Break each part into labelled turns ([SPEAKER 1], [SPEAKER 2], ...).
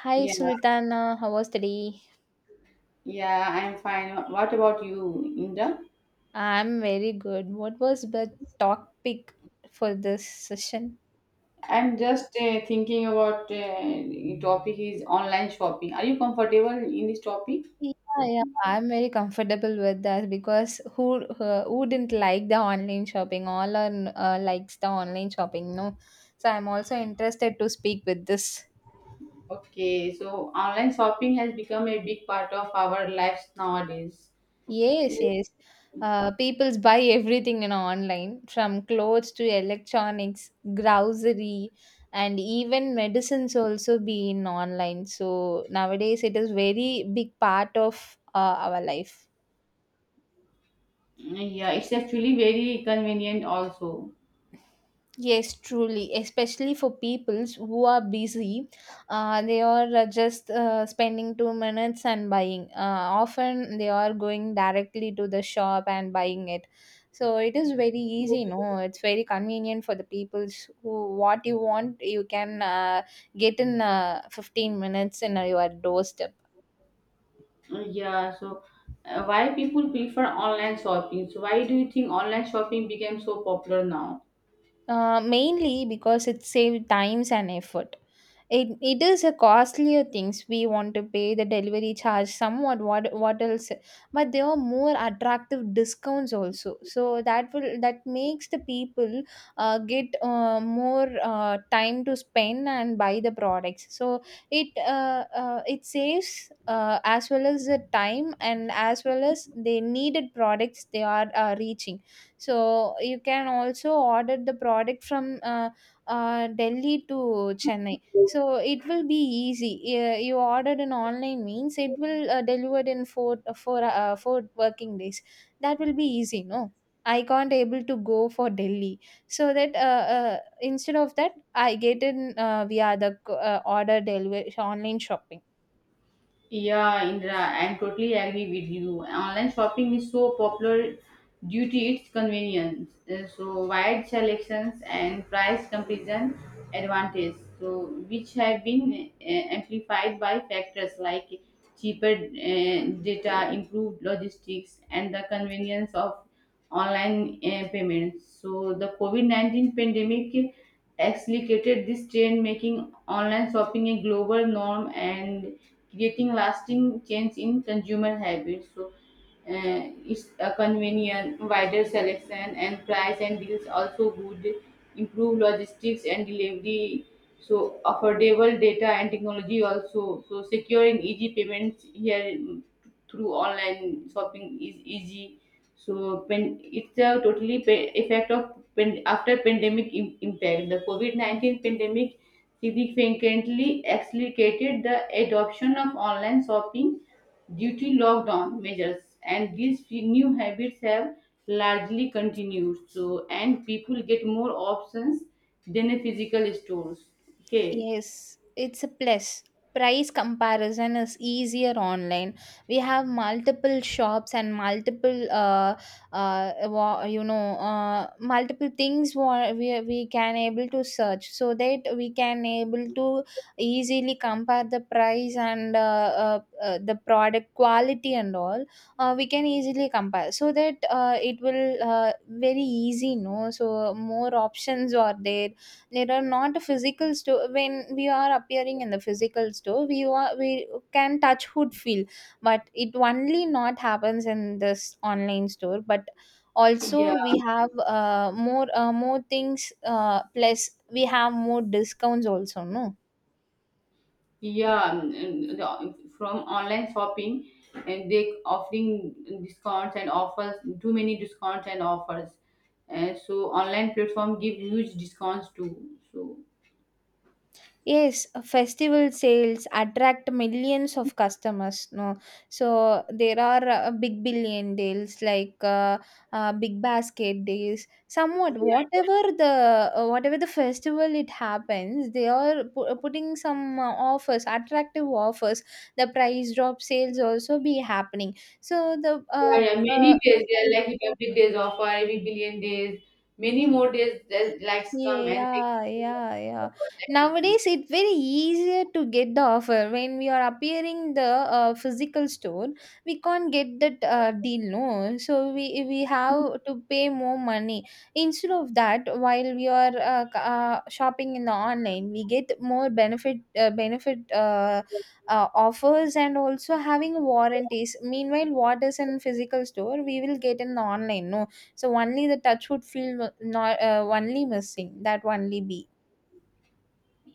[SPEAKER 1] Hi
[SPEAKER 2] Yeah,
[SPEAKER 1] Sultana, how was the day?
[SPEAKER 2] yeah, I'm fine. What about you, Indra?
[SPEAKER 1] I'm very good. What was the topic for this session?
[SPEAKER 2] I'm just thinking about topic is online shopping. Are you comfortable in this topic?
[SPEAKER 1] Yeah, yeah, I'm very comfortable with that because who didn't like the online shopping? All are likes the online shopping, no? So I'm also interested to speak with this.
[SPEAKER 2] Okay, so online shopping has become a big part of our lives nowadays.
[SPEAKER 1] Yes, yes. People's buy everything online from clothes to electronics, grocery, and even medicines also be in online. So nowadays it is very big part of our life.
[SPEAKER 2] Yeah, it's actually very convenient also.
[SPEAKER 1] Yes, truly, especially for peoples who are busy, they are just spending 2 minutes and buying. Often they are going directly to the shop and buying it. So it is very easy, no? It's very convenient for the peoples who what you want you can get in 15 minutes in your doorstep.
[SPEAKER 2] Yeah, so why people prefer online shopping? So why do you think online shopping became so popular now?
[SPEAKER 1] Mainly because it saves times and effort. It is a costlier things we want to pay the delivery charge somewhat what else, but there are more attractive discounts also, so that will that makes the people get more time to spend and buy the products, so it saves, as well as the time and as well as the needed products they are reaching. So you can also order the product from Delhi to Chennai. So it will be easy. Yeah, you ordered an online means it will delivered in four working days. That will be easy, no? I can't able to go for Delhi. So that, instead of that, I get in via the order delivery online shopping.
[SPEAKER 2] Yeah, Indra, I'm totally agree with you. Online shopping is so popular due to its convenience. So wide selections and price comparison advantage. So which have been amplified by factors like cheaper data, improved logistics, and the convenience of online payments. So the COVID-19 pandemic accelerated this trend, making online shopping a global norm and creating lasting change in consumer habits. So, it's a convenient, wider selection and price and deals also good, improve logistics and delivery. So affordable data and technology also. So secure and easy payments here through online shopping is easy so pen, it's a totally effect of pen, after pandemic impact. The COVID 19 pandemic significantly accelerated the adoption of online shopping due to lockdown measures, and these few new habits have largely continued. So and people get more options than a physical stores. Okay,
[SPEAKER 1] Yes, it's a plus. Price comparison is easier online. We have multiple shops and multiple, multiple things, we can able to search so that we can able to easily compare the price and the product quality and all. We can easily compare so that it will very easy, no? So more options are there. There are not physical store. When we are appearing in the physical store, we can touch hood feel, but it only not happens in this online store, but
[SPEAKER 2] yeah.
[SPEAKER 1] also we have more things, plus we have more discounts also, no?
[SPEAKER 2] Yeah, from online shopping, and they offering discounts and offers, too many discounts and offers. And so online platform give huge discounts too. So
[SPEAKER 1] Yes, festival sales attract millions of customers. No, so there are big billion deals like big basket deals. Somewhat, whatever the festival it happens, they are putting some offers, attractive offers. The price drop sales also be happening. So the,
[SPEAKER 2] yeah, yeah,
[SPEAKER 1] uh,
[SPEAKER 2] many days they are like Republic Days offer, every billion days, many more days that likes come and they
[SPEAKER 1] yeah,
[SPEAKER 2] give you
[SPEAKER 1] yeah, yeah.
[SPEAKER 2] offers and
[SPEAKER 1] Nowadays, it's very easier to get the offer. When we are appearing the physical store, we can't get that deal, no. So we have to pay more money. Instead of that, while we are shopping in the online, we get more benefit, offers and also having warranties. Meanwhile, what is in physical store, we will get in the online, no, so only the touch would feel not, only missing that only be.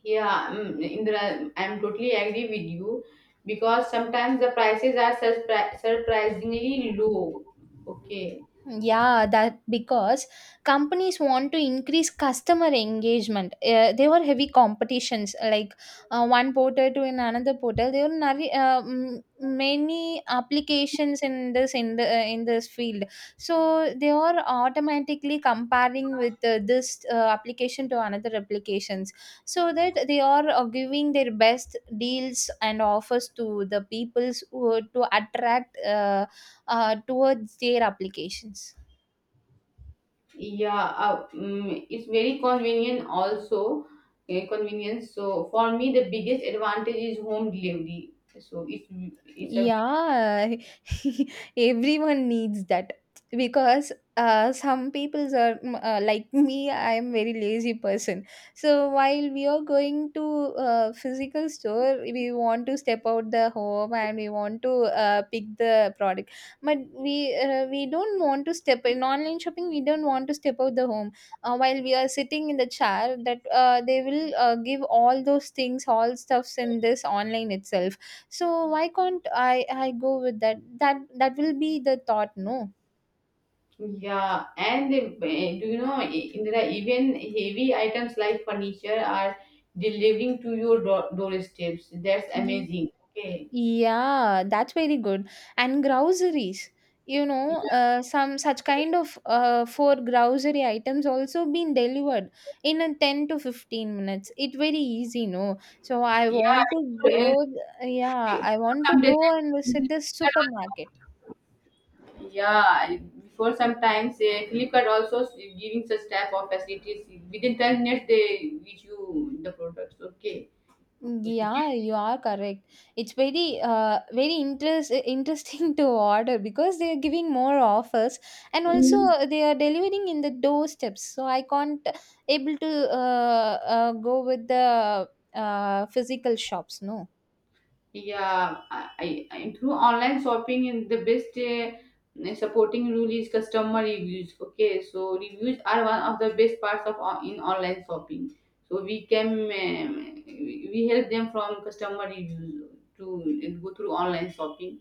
[SPEAKER 2] yeah, mm, Indra, I'm totally agree with you because sometimes the prices are surprisingly low. Okay.
[SPEAKER 1] Yeah, that because companies want to increase customer engagement. There were heavy competitions, like one portal to an another portal. There were many applications in this, in this field, so they are automatically comparing with this application to another applications, so that they are giving their best deals and offers to the peoples who to attract towards their applications.
[SPEAKER 2] Yeah, it's very convenient also, convenience. So for me, the biggest advantage is home delivery. So it's a
[SPEAKER 1] Yeah, everyone needs that because some people's are, like me. I am very lazy person. So while we are going to physical store, we want to step out the home, and we want to pick the product. But we don't want to step in online shopping. We don't want to step out the home. While we are sitting in the chair, that they will give all those things, all stuffs in this online itself, so why can't I go with that? That will be the thought, no?
[SPEAKER 2] Yeah, and do you know there are even heavy items like furniture are delivering to your doorsteps. That's
[SPEAKER 1] Ye-
[SPEAKER 2] amazing. Okay.
[SPEAKER 1] Yeah, that's very good. And groceries,
[SPEAKER 2] Yeah.
[SPEAKER 1] some such kind of four grocery items also been delivered in a 10 to 15 minutes. It very easy, no? So I
[SPEAKER 2] Yeah.
[SPEAKER 1] want to
[SPEAKER 2] So,
[SPEAKER 1] go, yeah, I want to
[SPEAKER 2] sometimes
[SPEAKER 1] go and visit the supermarket.
[SPEAKER 2] yeah, before sometimes Flipkart also giving such type of facilities. Within 10 minutes, they reach you the products. Okay. Okay.
[SPEAKER 1] Yeah,
[SPEAKER 2] Keep.
[SPEAKER 1] you are correct. It's very interest interesting to order because they are giving more offers and
[SPEAKER 2] Mm.
[SPEAKER 1] also they are delivering in the doorsteps. So I can't able to go with the physical shops. No.
[SPEAKER 2] Yeah, through online shopping, in the best supporting rule is customer reviews. Okay, so reviews are one of the best parts of in online shopping. So we can we help them from customer reviews to go through online shopping.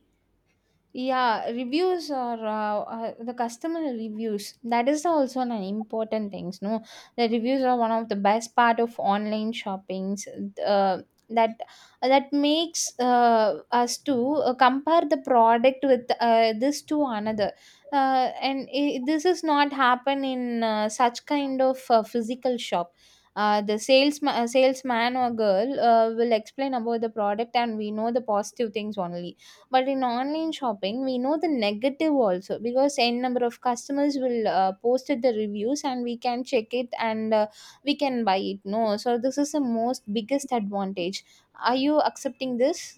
[SPEAKER 1] Yeah, reviews are, the customer reviews. That is also an important things. No, the reviews are one of the best part of online shoppings. Uh, that that makes us to compare the product with this to another. And I this is not happen in such kind of physical shop. The salesman or girl will explain about the product, and we know the positive things only, but in online shopping, we know the negative also because n number of customers will posted the reviews and we can check it, and we can buy it. No, so this is the most biggest advantage. Are you accepting this?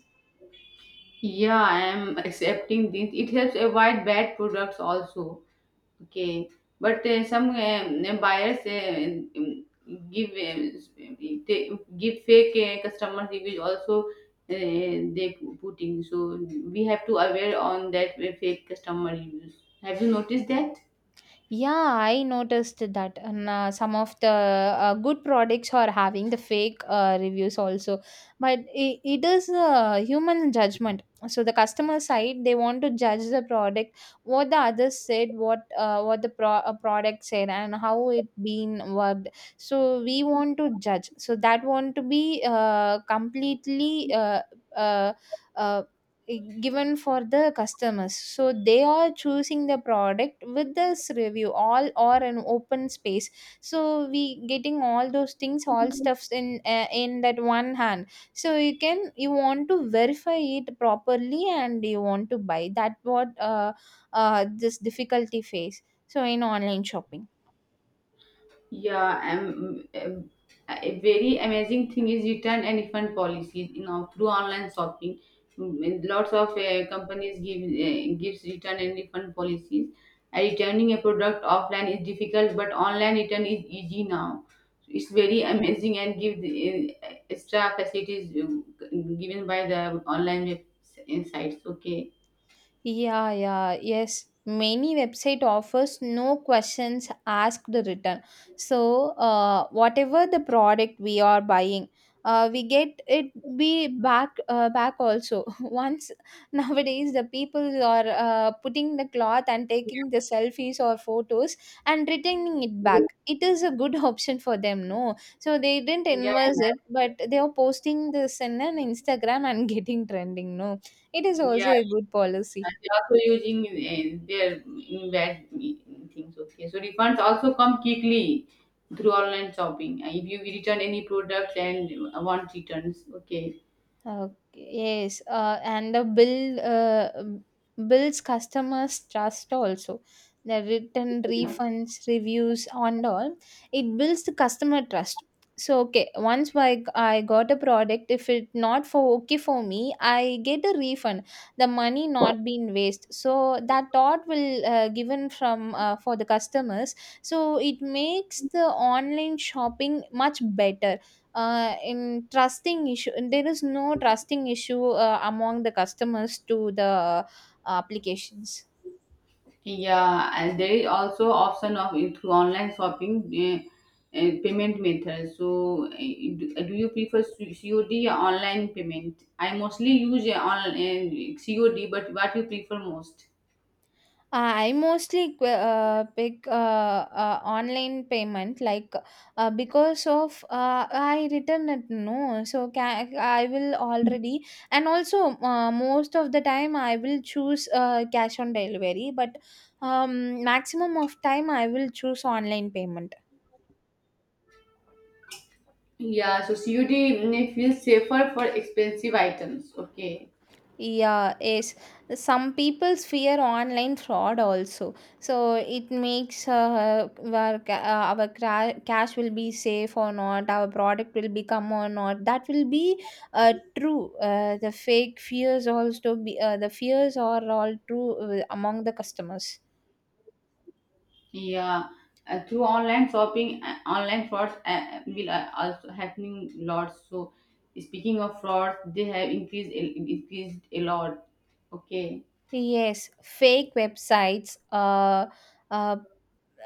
[SPEAKER 2] Yeah, I am accepting this. It helps avoid bad products also. Okay, but some buyers give they give fake customer reviews also. They putting so we have to aware on that fake customer reviews. Have you noticed that?
[SPEAKER 1] Yeah, I noticed that, and some of the good products are having the fake reviews also, but it is a human judgment. So the customer side, they want to judge the product, what the others said, what the product said, and how it been worked. So we want to judge. So that want to be completely uh, uh, given for the customers, so they are choosing the product with this review all or an open space, so we getting all those things, all stuffs in that one hand, so you want to verify it properly, and you want to buy that what, this difficulty face so in online shopping.
[SPEAKER 2] Yeah, a very amazing thing is return and refund policies. You know, through online shopping, lots of companies give gives return and refund policies. Returning a product offline is difficult, but online return is easy now. It's very amazing and give the, extra facilities given by the online websites. Okay.
[SPEAKER 1] Yeah, yeah, yes. Many website offers no questions asked return. So, whatever the product we are buying, we get it be back also. Once nowadays the people are putting the cloth and taking the selfies or photos and returning it
[SPEAKER 2] Yeah,
[SPEAKER 1] back. It is a good option for them, no? So they didn't
[SPEAKER 2] yeah,
[SPEAKER 1] invest it, but they are posting this in an Instagram and getting trending, no? It is also
[SPEAKER 2] yeah.
[SPEAKER 1] a good policy.
[SPEAKER 2] And they're also using their invest things. Okay, so refunds also come quickly through online shopping. If you return any product and want returns, okay.
[SPEAKER 1] Okay, yes, and the bill, builds customers' trust also. The written
[SPEAKER 2] Yeah,
[SPEAKER 1] refunds, reviews, and all it builds the customer trust. So okay, once I got a product, if it not for okay for me, I get a refund. The money not been waste. So that thought will given from, for the customers. So it makes the online shopping much better, in trusting issue there is no trusting issue among the customers to the applications.
[SPEAKER 2] yeah, and there is also option of through online shopping uh, payment methods. So, do you prefer COD or online payment? I mostly use COD, but what you prefer most?
[SPEAKER 1] I mostly pick, online payment like, because of, uh, I return it, no, so can, I will already, and also most of the time I will choose cash on delivery, but, um, maximum of time I will choose online payment.
[SPEAKER 2] Yeah, so COD may feel safer for expensive items. Okay.
[SPEAKER 1] Yeah, yes. Some people fear online fraud also. So it makes our cash will be safe or not, our product will become or not. That will be true. The fake fears also be, the fears are all true among the customers.
[SPEAKER 2] Yeah. Through online shopping, online frauds will also happening lots. So, speaking of frauds, they have increased a lot. Okay.
[SPEAKER 1] Yes, fake websites. Uh,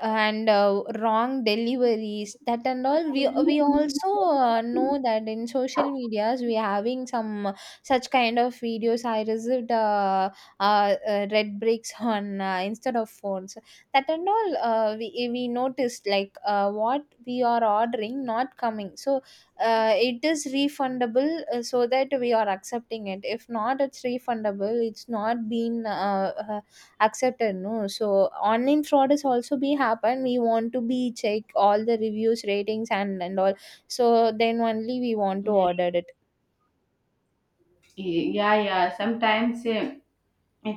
[SPEAKER 1] and wrong deliveries, that and all we also know that in social medias we are having some, such kind of videos, I received uh, red bricks on, instead of phones, that and all, we noticed like, what we are ordering not coming, so it is refundable, so that we are accepting it, if not it's refundable it's not been accepted, no, so online fraud is also be happen, we want to be check all the reviews, ratings, and all, so then only we want to
[SPEAKER 2] Mm,
[SPEAKER 1] order it.
[SPEAKER 2] yeah, yeah. Sometimes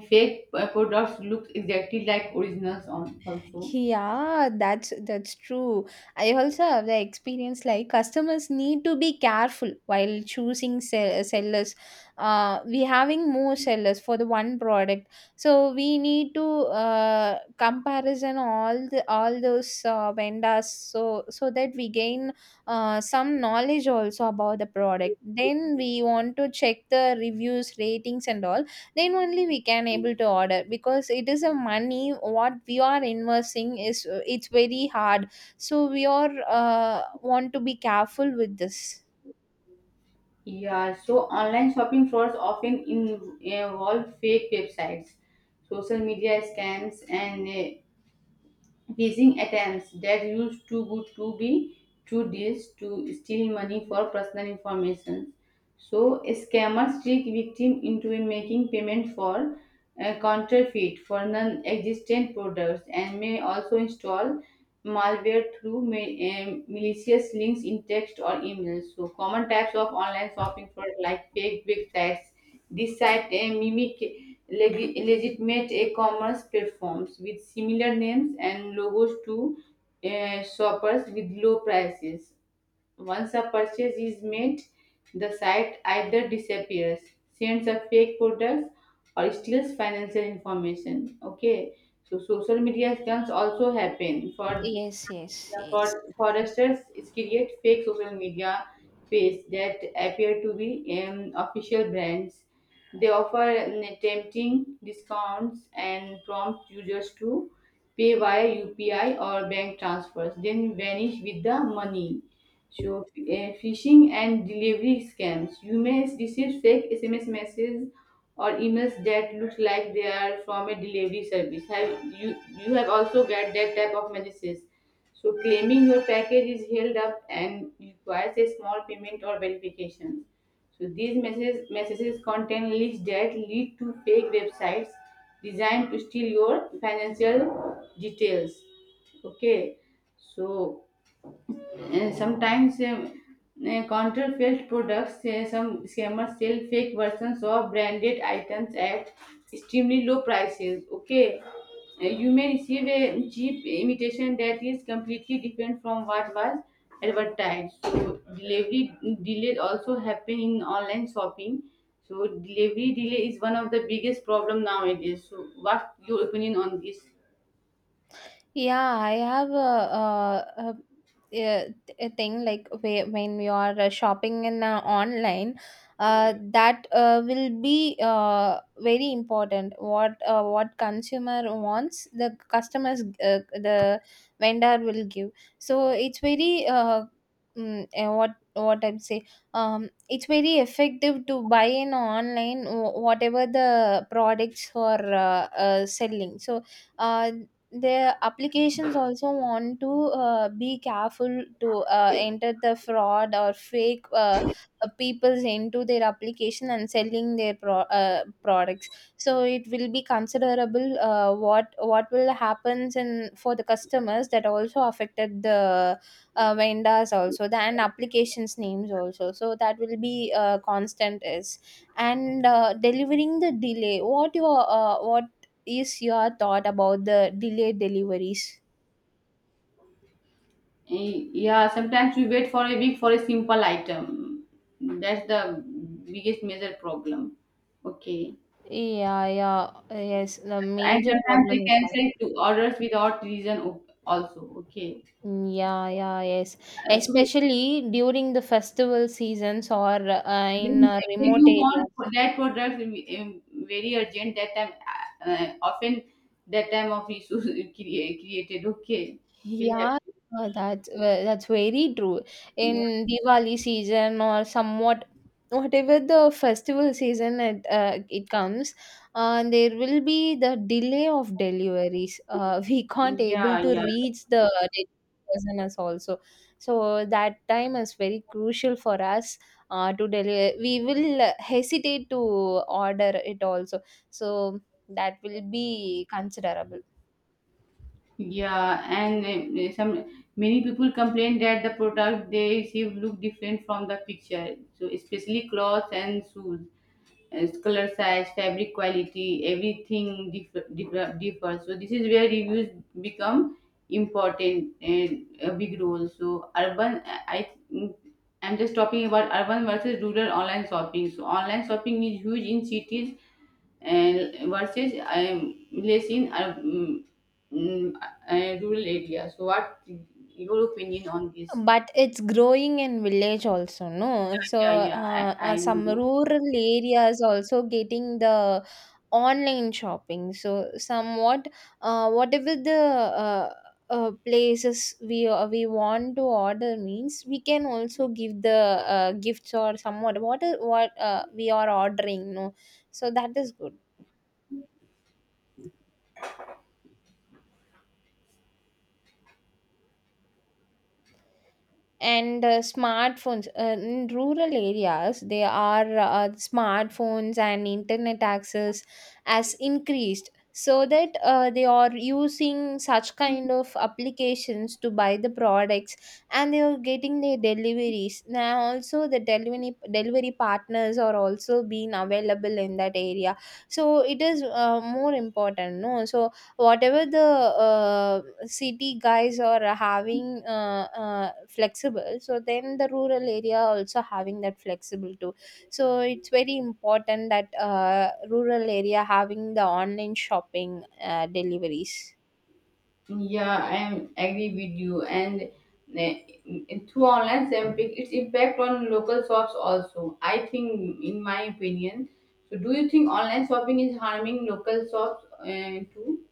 [SPEAKER 2] fake products look exactly like originals on also.
[SPEAKER 1] Yeah, that's true. I also have the experience, like customers need to be careful while choosing sellers. We having more sellers for the one product, so we need to comparison all those vendors, so that we gain some knowledge also about the product. Then we want to check the reviews, ratings, and all, then only we can able to order, because it is a money what we are investing is, it's very hard, so we are want to be careful with this.
[SPEAKER 2] Yeah, so online shopping frauds often involve fake websites, social media scams, and phishing attempts that use too good to be true deals to steal money for personal information. So scammers trick victim into making payment for counterfeit for non-existent products and may also install malware through malicious links in text or email. So common types of online shopping fraud like fake websites. This site mimic legitimate e-commerce platforms with similar names and logos to shoppers with low prices. Once a purchase is made, the site either disappears, sends a fake product, or steals financial information. Okay, so social media scams also happen. For
[SPEAKER 1] Yes, yes,
[SPEAKER 2] yeah,
[SPEAKER 1] yes.
[SPEAKER 2] for foresters, it create fake social media page that appear to be official brands. They offer tempting discounts and prompt users to pay via UPI or bank transfers, then vanish with the money. So, phishing and delivery scams. You may receive fake SMS messages or emails that look like they are from a delivery service. Have you have also got that type of messages? So, claiming your package is held up and requires a small payment or verification. So, these messages contain links that lead to fake websites designed to steal your financial details. Okay, so sometimes counterfeit products, some scammers sell fake versions of branded items at extremely low prices. Okay, you may receive a cheap imitation that is completely different from what was advertised. So delivery delays also happen in online shopping. So delivery delay is one of the biggest problem nowadays. So what's your opinion on this?
[SPEAKER 1] Yeah, I have a thing like when you are shopping in online, that will be very important. What consumer wants, the customers, the vendor will give. So it's very mm, eh, what I'm saying. It's very effective to buy in online whatever the products are selling. So. Uh, the applications also want to be careful to enter the fraud or fake people's into their application and selling their products, so it will be considerable, what will happens in for the customers, that also affected the vendors also, the and applications names also, so that will be constant is and delivering the delay. What is your thought about the delayed deliveries?
[SPEAKER 2] Yeah, sometimes we wait for a week for a simple item. That's the biggest major problem. Okay.
[SPEAKER 1] Yeah, yeah, yes. The
[SPEAKER 2] And
[SPEAKER 1] major
[SPEAKER 2] sometimes they
[SPEAKER 1] problem is that.
[SPEAKER 2] cancel to orders without reason also. Okay.
[SPEAKER 1] Yeah, yeah, yes.
[SPEAKER 2] Uh, through-
[SPEAKER 1] Especially during the festival seasons or in
[SPEAKER 2] when,
[SPEAKER 1] a
[SPEAKER 2] when
[SPEAKER 1] remote
[SPEAKER 2] you
[SPEAKER 1] area.
[SPEAKER 2] want for that product very urgent, that time, often that time of issues created. Okay. We'll
[SPEAKER 1] Yeah, that's very true.
[SPEAKER 2] have.
[SPEAKER 1] In Diwali season or somewhat whatever the festival season it comes, there will be the delay of deliveries. We can't
[SPEAKER 2] Yeah,
[SPEAKER 1] able to
[SPEAKER 2] yeah.
[SPEAKER 1] reach the delivery person as also. So that time is very crucial for us to deliver. We will hesitate to order it also. So that will be considerable.
[SPEAKER 2] Yeah, and some many people complain that the product they receive look different from the picture. So especially clothes and shoes color size, fabric quality, everything differs. So this is where reviews become important and a big role. So urban, I- I'm just talking about urban versus rural online shopping. So online shopping is huge in cities and versus less in mm, rural areas. So what your opinion on this?
[SPEAKER 1] But it's growing in village also, no? So
[SPEAKER 2] Yeah, yeah, I, I
[SPEAKER 1] some
[SPEAKER 2] know.
[SPEAKER 1] rural areas also getting the online shopping. So somewhat, whatever the places we want to order means, we can also give the gifts or somewhat what is, what we are ordering, no? So that is good. And smartphones, in rural areas they are, smartphones and internet access has increased, so that they are using such kind of applications to buy the products, and they are getting their deliveries. Now also the delivery partners are also being available in that area, so it is more important, no? So whatever the city guys are having, flexible, so then the rural area also having that flexible too. So it's very important that rural area having the online shopping deliveries.
[SPEAKER 2] Yeah, I am agree with you. And eh, through online sampling, its impact on local shops also. I think, in my opinion. So, do you think online shopping is harming local shops too?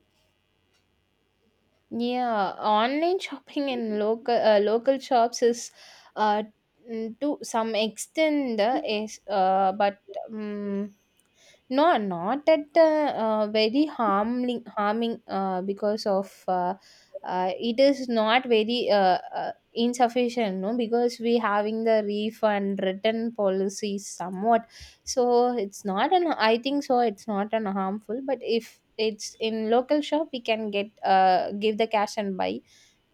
[SPEAKER 1] Yeah, online shopping in local shops is uh, to some extent is but um, no, not at very harming, because of it is not very insufficient, no, because we having the refund return policy somewhat. So it's not an, I think so, it's not an harmful. But if it's in local shop, we can get give the cash and buy.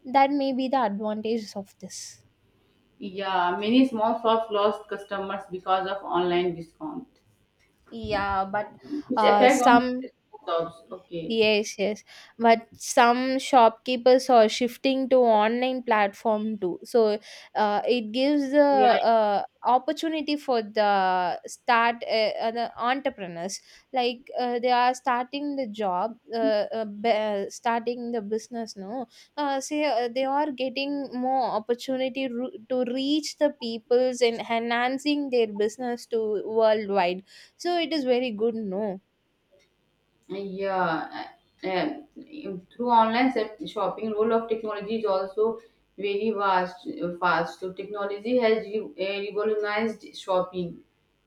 [SPEAKER 1] That may be the advantages of this.
[SPEAKER 2] Yeah, many small shops lost customers because of online discount.
[SPEAKER 1] Yeah, but
[SPEAKER 2] Its effect on
[SPEAKER 1] some,
[SPEAKER 2] shops. Okay.
[SPEAKER 1] yes, yes. But some shopkeepers are shifting to online platform too. So it gives the
[SPEAKER 2] Yeah,
[SPEAKER 1] opportunity for the start the entrepreneurs. Like they are starting the job, starting the business. No, say they are getting more opportunity, to reach the peoples and enhancing their business to worldwide. So it is very good. No.
[SPEAKER 2] yeah, uh, uh, through online shopping, role of technology is also very vast. Fast, so technology has revolutionized shopping.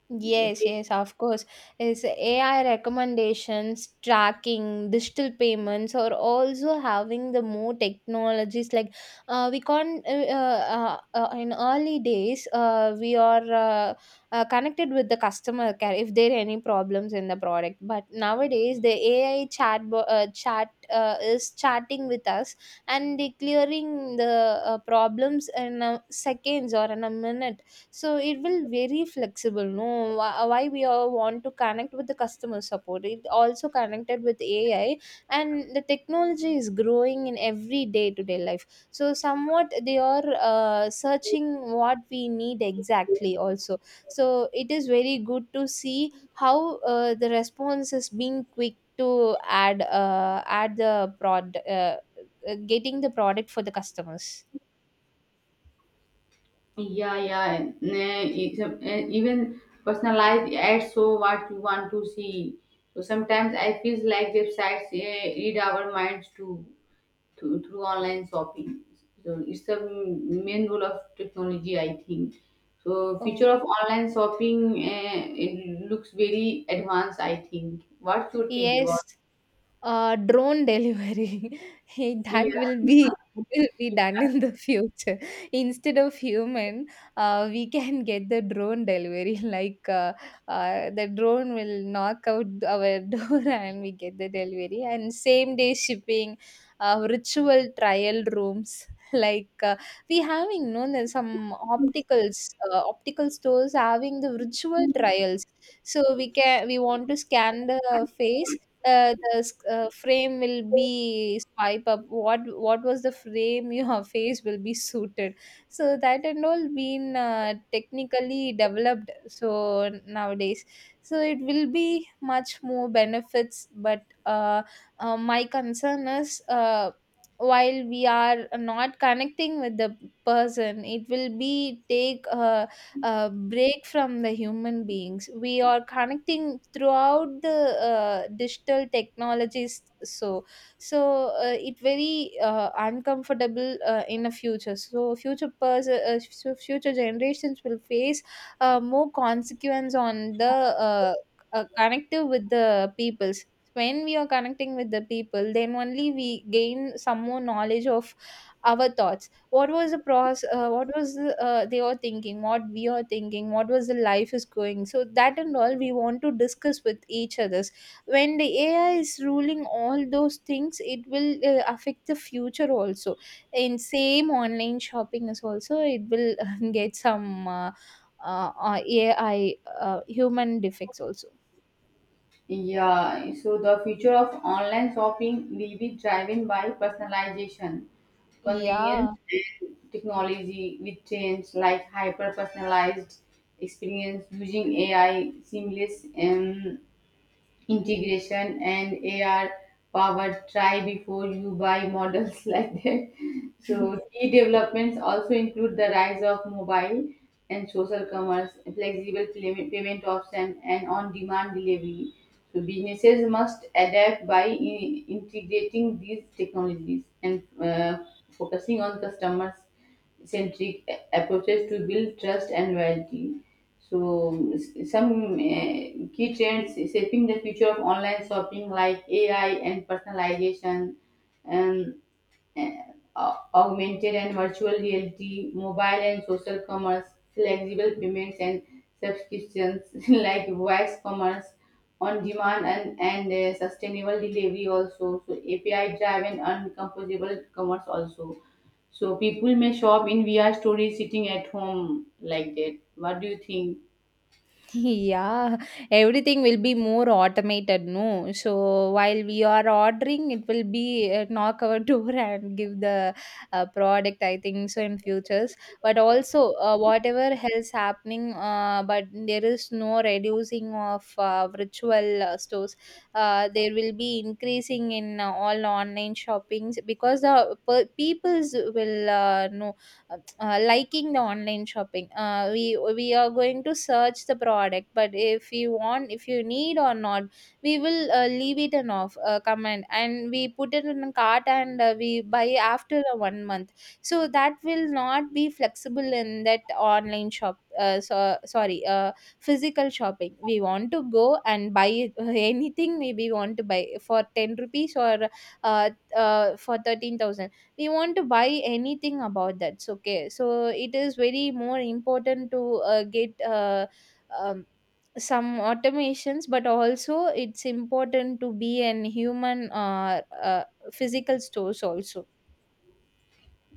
[SPEAKER 1] Yes,
[SPEAKER 2] Okay.
[SPEAKER 1] yes, of course. Is AI recommendations, tracking, digital payments are also having the more technologies. Like we can't in early days we are connected with the customer care if there are any problems in the product. But nowadays the AI chat is chatting with us and declaring the problems in seconds or in a minute, so it will very flexible. No, why we all want to connect with the customer support. It also connected with AI, and the technology is growing in every day to day life. So somewhat they are searching what we need exactly. Also, so it is very good to see how the response is being quick to add the prod getting the product for the customers.
[SPEAKER 2] Yeah, yeah. And, even personalized ads show what you want to see. So sometimes I feel like websites read our minds too. Through online shopping. So it's the main role of technology, I think. So future
[SPEAKER 1] Oh,
[SPEAKER 2] of online shopping, it looks very advanced, I think. What you think
[SPEAKER 1] yes,
[SPEAKER 2] about?
[SPEAKER 1] Drone delivery. That
[SPEAKER 2] Yeah.
[SPEAKER 1] will be done in the future. Instead of human, we can get the drone delivery. Like the drone will knock out our door and we get the delivery. And same day shipping, ritual trial rooms. Like we having known that some opticals, optical stores having the ritual trials. So we want to scan the face, frame will be swipe up, what was the frame your face will be suited. So that and all been technically developed, so nowadays, so it will be much more benefits. But my concern is, while we are not connecting with the person, it will be take break from the human beings. We are connecting throughout the digital technologies. So, so it very uncomfortable in a future. So, future generations will face more consequence on the connective with the peoples. When we are connecting with the people, then only we gain some more knowledge of our thoughts, what was the process, they are thinking, what we are thinking, what was the life is going, so that and all we want to discuss with each others. When the AI is ruling all those things, it will affect the future also. In same online shopping is also, it will get some AI, human defects also,
[SPEAKER 2] Yeah, so the future of online shopping will be driven by personalization, convenience,
[SPEAKER 1] yeah.
[SPEAKER 2] technology with trends like hyper personalized experience using AI, seamless integration and AR power. Try before you buy models like that. So key developments also include the rise of mobile and social commerce, flexible payment option, and on-demand delivery. So businesses must adapt by integrating these technologies and focusing on customers centric approaches to build trust and loyalty. So, some key trends shaping the future of online shopping, like AI and personalization, and and, uh, augmented and virtual reality, mobile and social commerce, flexible payments and subscriptions like voice commerce, on demand and sustainable delivery also. So API driven and composable commerce also. So people may shop in VR stories sitting at home like that. What do you think?
[SPEAKER 1] Yeah, everything will be more automated, no? So while we are ordering, it will be knock our door and give the product, I think so, in futures. But also, whatever else happening, but there is no reducing of virtual stores. There will be increasing in all online shoppings, because the peoples will know, liking the online shopping. We are going to search the product, but if you want, if you need or not, we will leave it in off comment, and we put it in a cart and we buy after the one month. So that will not be flexible in that online shop, so sorry, physical shopping we want to go and buy anything. Maybe we want to buy for 10 rupees or uh, for 13,000, we want to buy anything about, that's okay. So it is very more important to get um, some automations, but also it's important to be an human, physical stores also.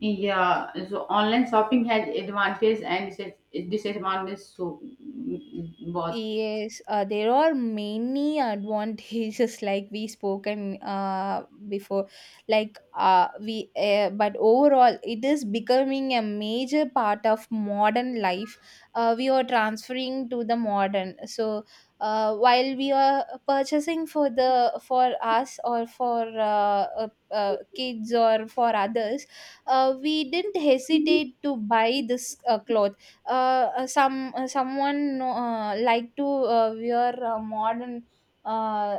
[SPEAKER 2] Yeah. so online shopping has advantages and disadvantages. So, mm, both.
[SPEAKER 1] Yes, there are many advantages like we spoken before. Like but overall, it is becoming a major part of modern life. We are transferring to the modern. So while we are purchasing for the for us, or for kids, or for others, we didn't hesitate to buy this clothes. Someone like to wear modern, uh,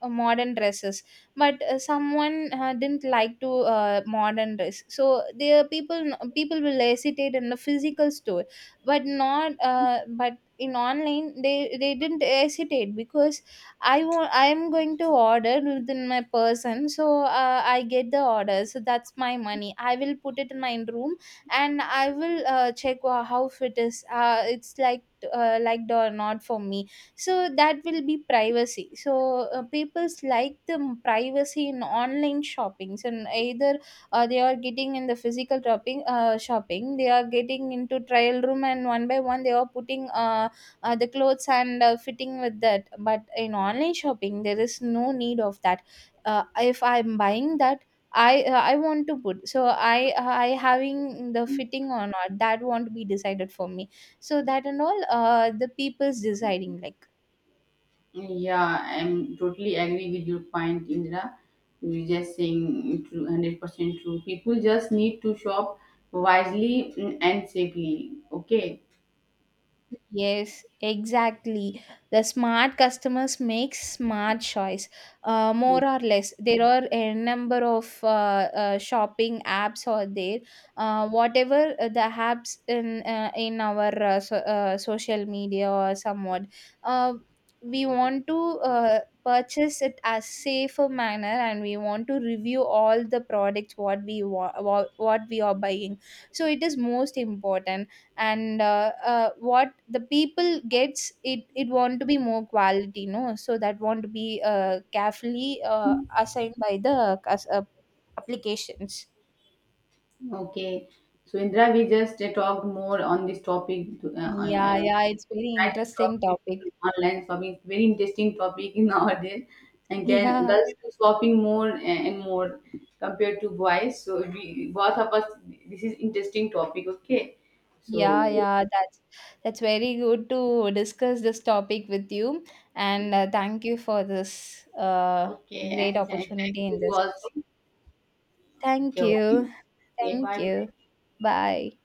[SPEAKER 1] modern dresses, but someone didn't like to modern dress, so there are people, people will hesitate in the physical store. But not but in online, they didn't hesitate, because I want, I am going to order within my person, so I get the order, so that's my money, I will put it in my room and I will check how fit is, it's like liked or not for me. So that will be privacy, so people's like the privacy in online shoppings. And either they are getting in the physical shopping, they are getting into trial room, and one by one they are putting the clothes and fitting with that. But in online shopping, there is no need of that. If I'm buying that, I want to put, so I having the fitting or not, that won't be decided for me. So that and all, the people's deciding like.
[SPEAKER 2] Yeah, I'm totally agree with your point, Indra. You're just saying true, 100% true. People just need to shop wisely mm, and safely. Okay.
[SPEAKER 1] Yes, exactly. The smart customers make smart choice,
[SPEAKER 2] Mm,
[SPEAKER 1] more or less. There are a number of shopping apps are there. Whatever the apps in our social media or somewhat, uh, we want to purchase it as safer manner, and we want to review all the products what we what we are buying. So it is most important. And what the people gets it, it want to be more quality, no? So that want to be carefully assigned by the applications.
[SPEAKER 2] okay. So, Indra, we just talked more on this topic.
[SPEAKER 1] Yeah, yeah, it's very
[SPEAKER 2] Nice to talk
[SPEAKER 1] interesting
[SPEAKER 2] with
[SPEAKER 1] topic.
[SPEAKER 2] you online shopping. Very interesting topic nowadays. And can
[SPEAKER 1] Yeah,
[SPEAKER 2] girls do shopping more and more compared to boys. So, we both of us, this is interesting topic. Okay.
[SPEAKER 1] yeah,
[SPEAKER 2] So.
[SPEAKER 1] yeah, that's very good to discuss this topic with you. And thank you for this
[SPEAKER 2] Okay,
[SPEAKER 1] great
[SPEAKER 2] and thank
[SPEAKER 1] opportunity in
[SPEAKER 2] you
[SPEAKER 1] this.
[SPEAKER 2] also.
[SPEAKER 1] Thank
[SPEAKER 2] Okay,
[SPEAKER 1] you.
[SPEAKER 2] okay. Okay,
[SPEAKER 1] Thank
[SPEAKER 2] bye
[SPEAKER 1] you.
[SPEAKER 2] bye.
[SPEAKER 1] Bye.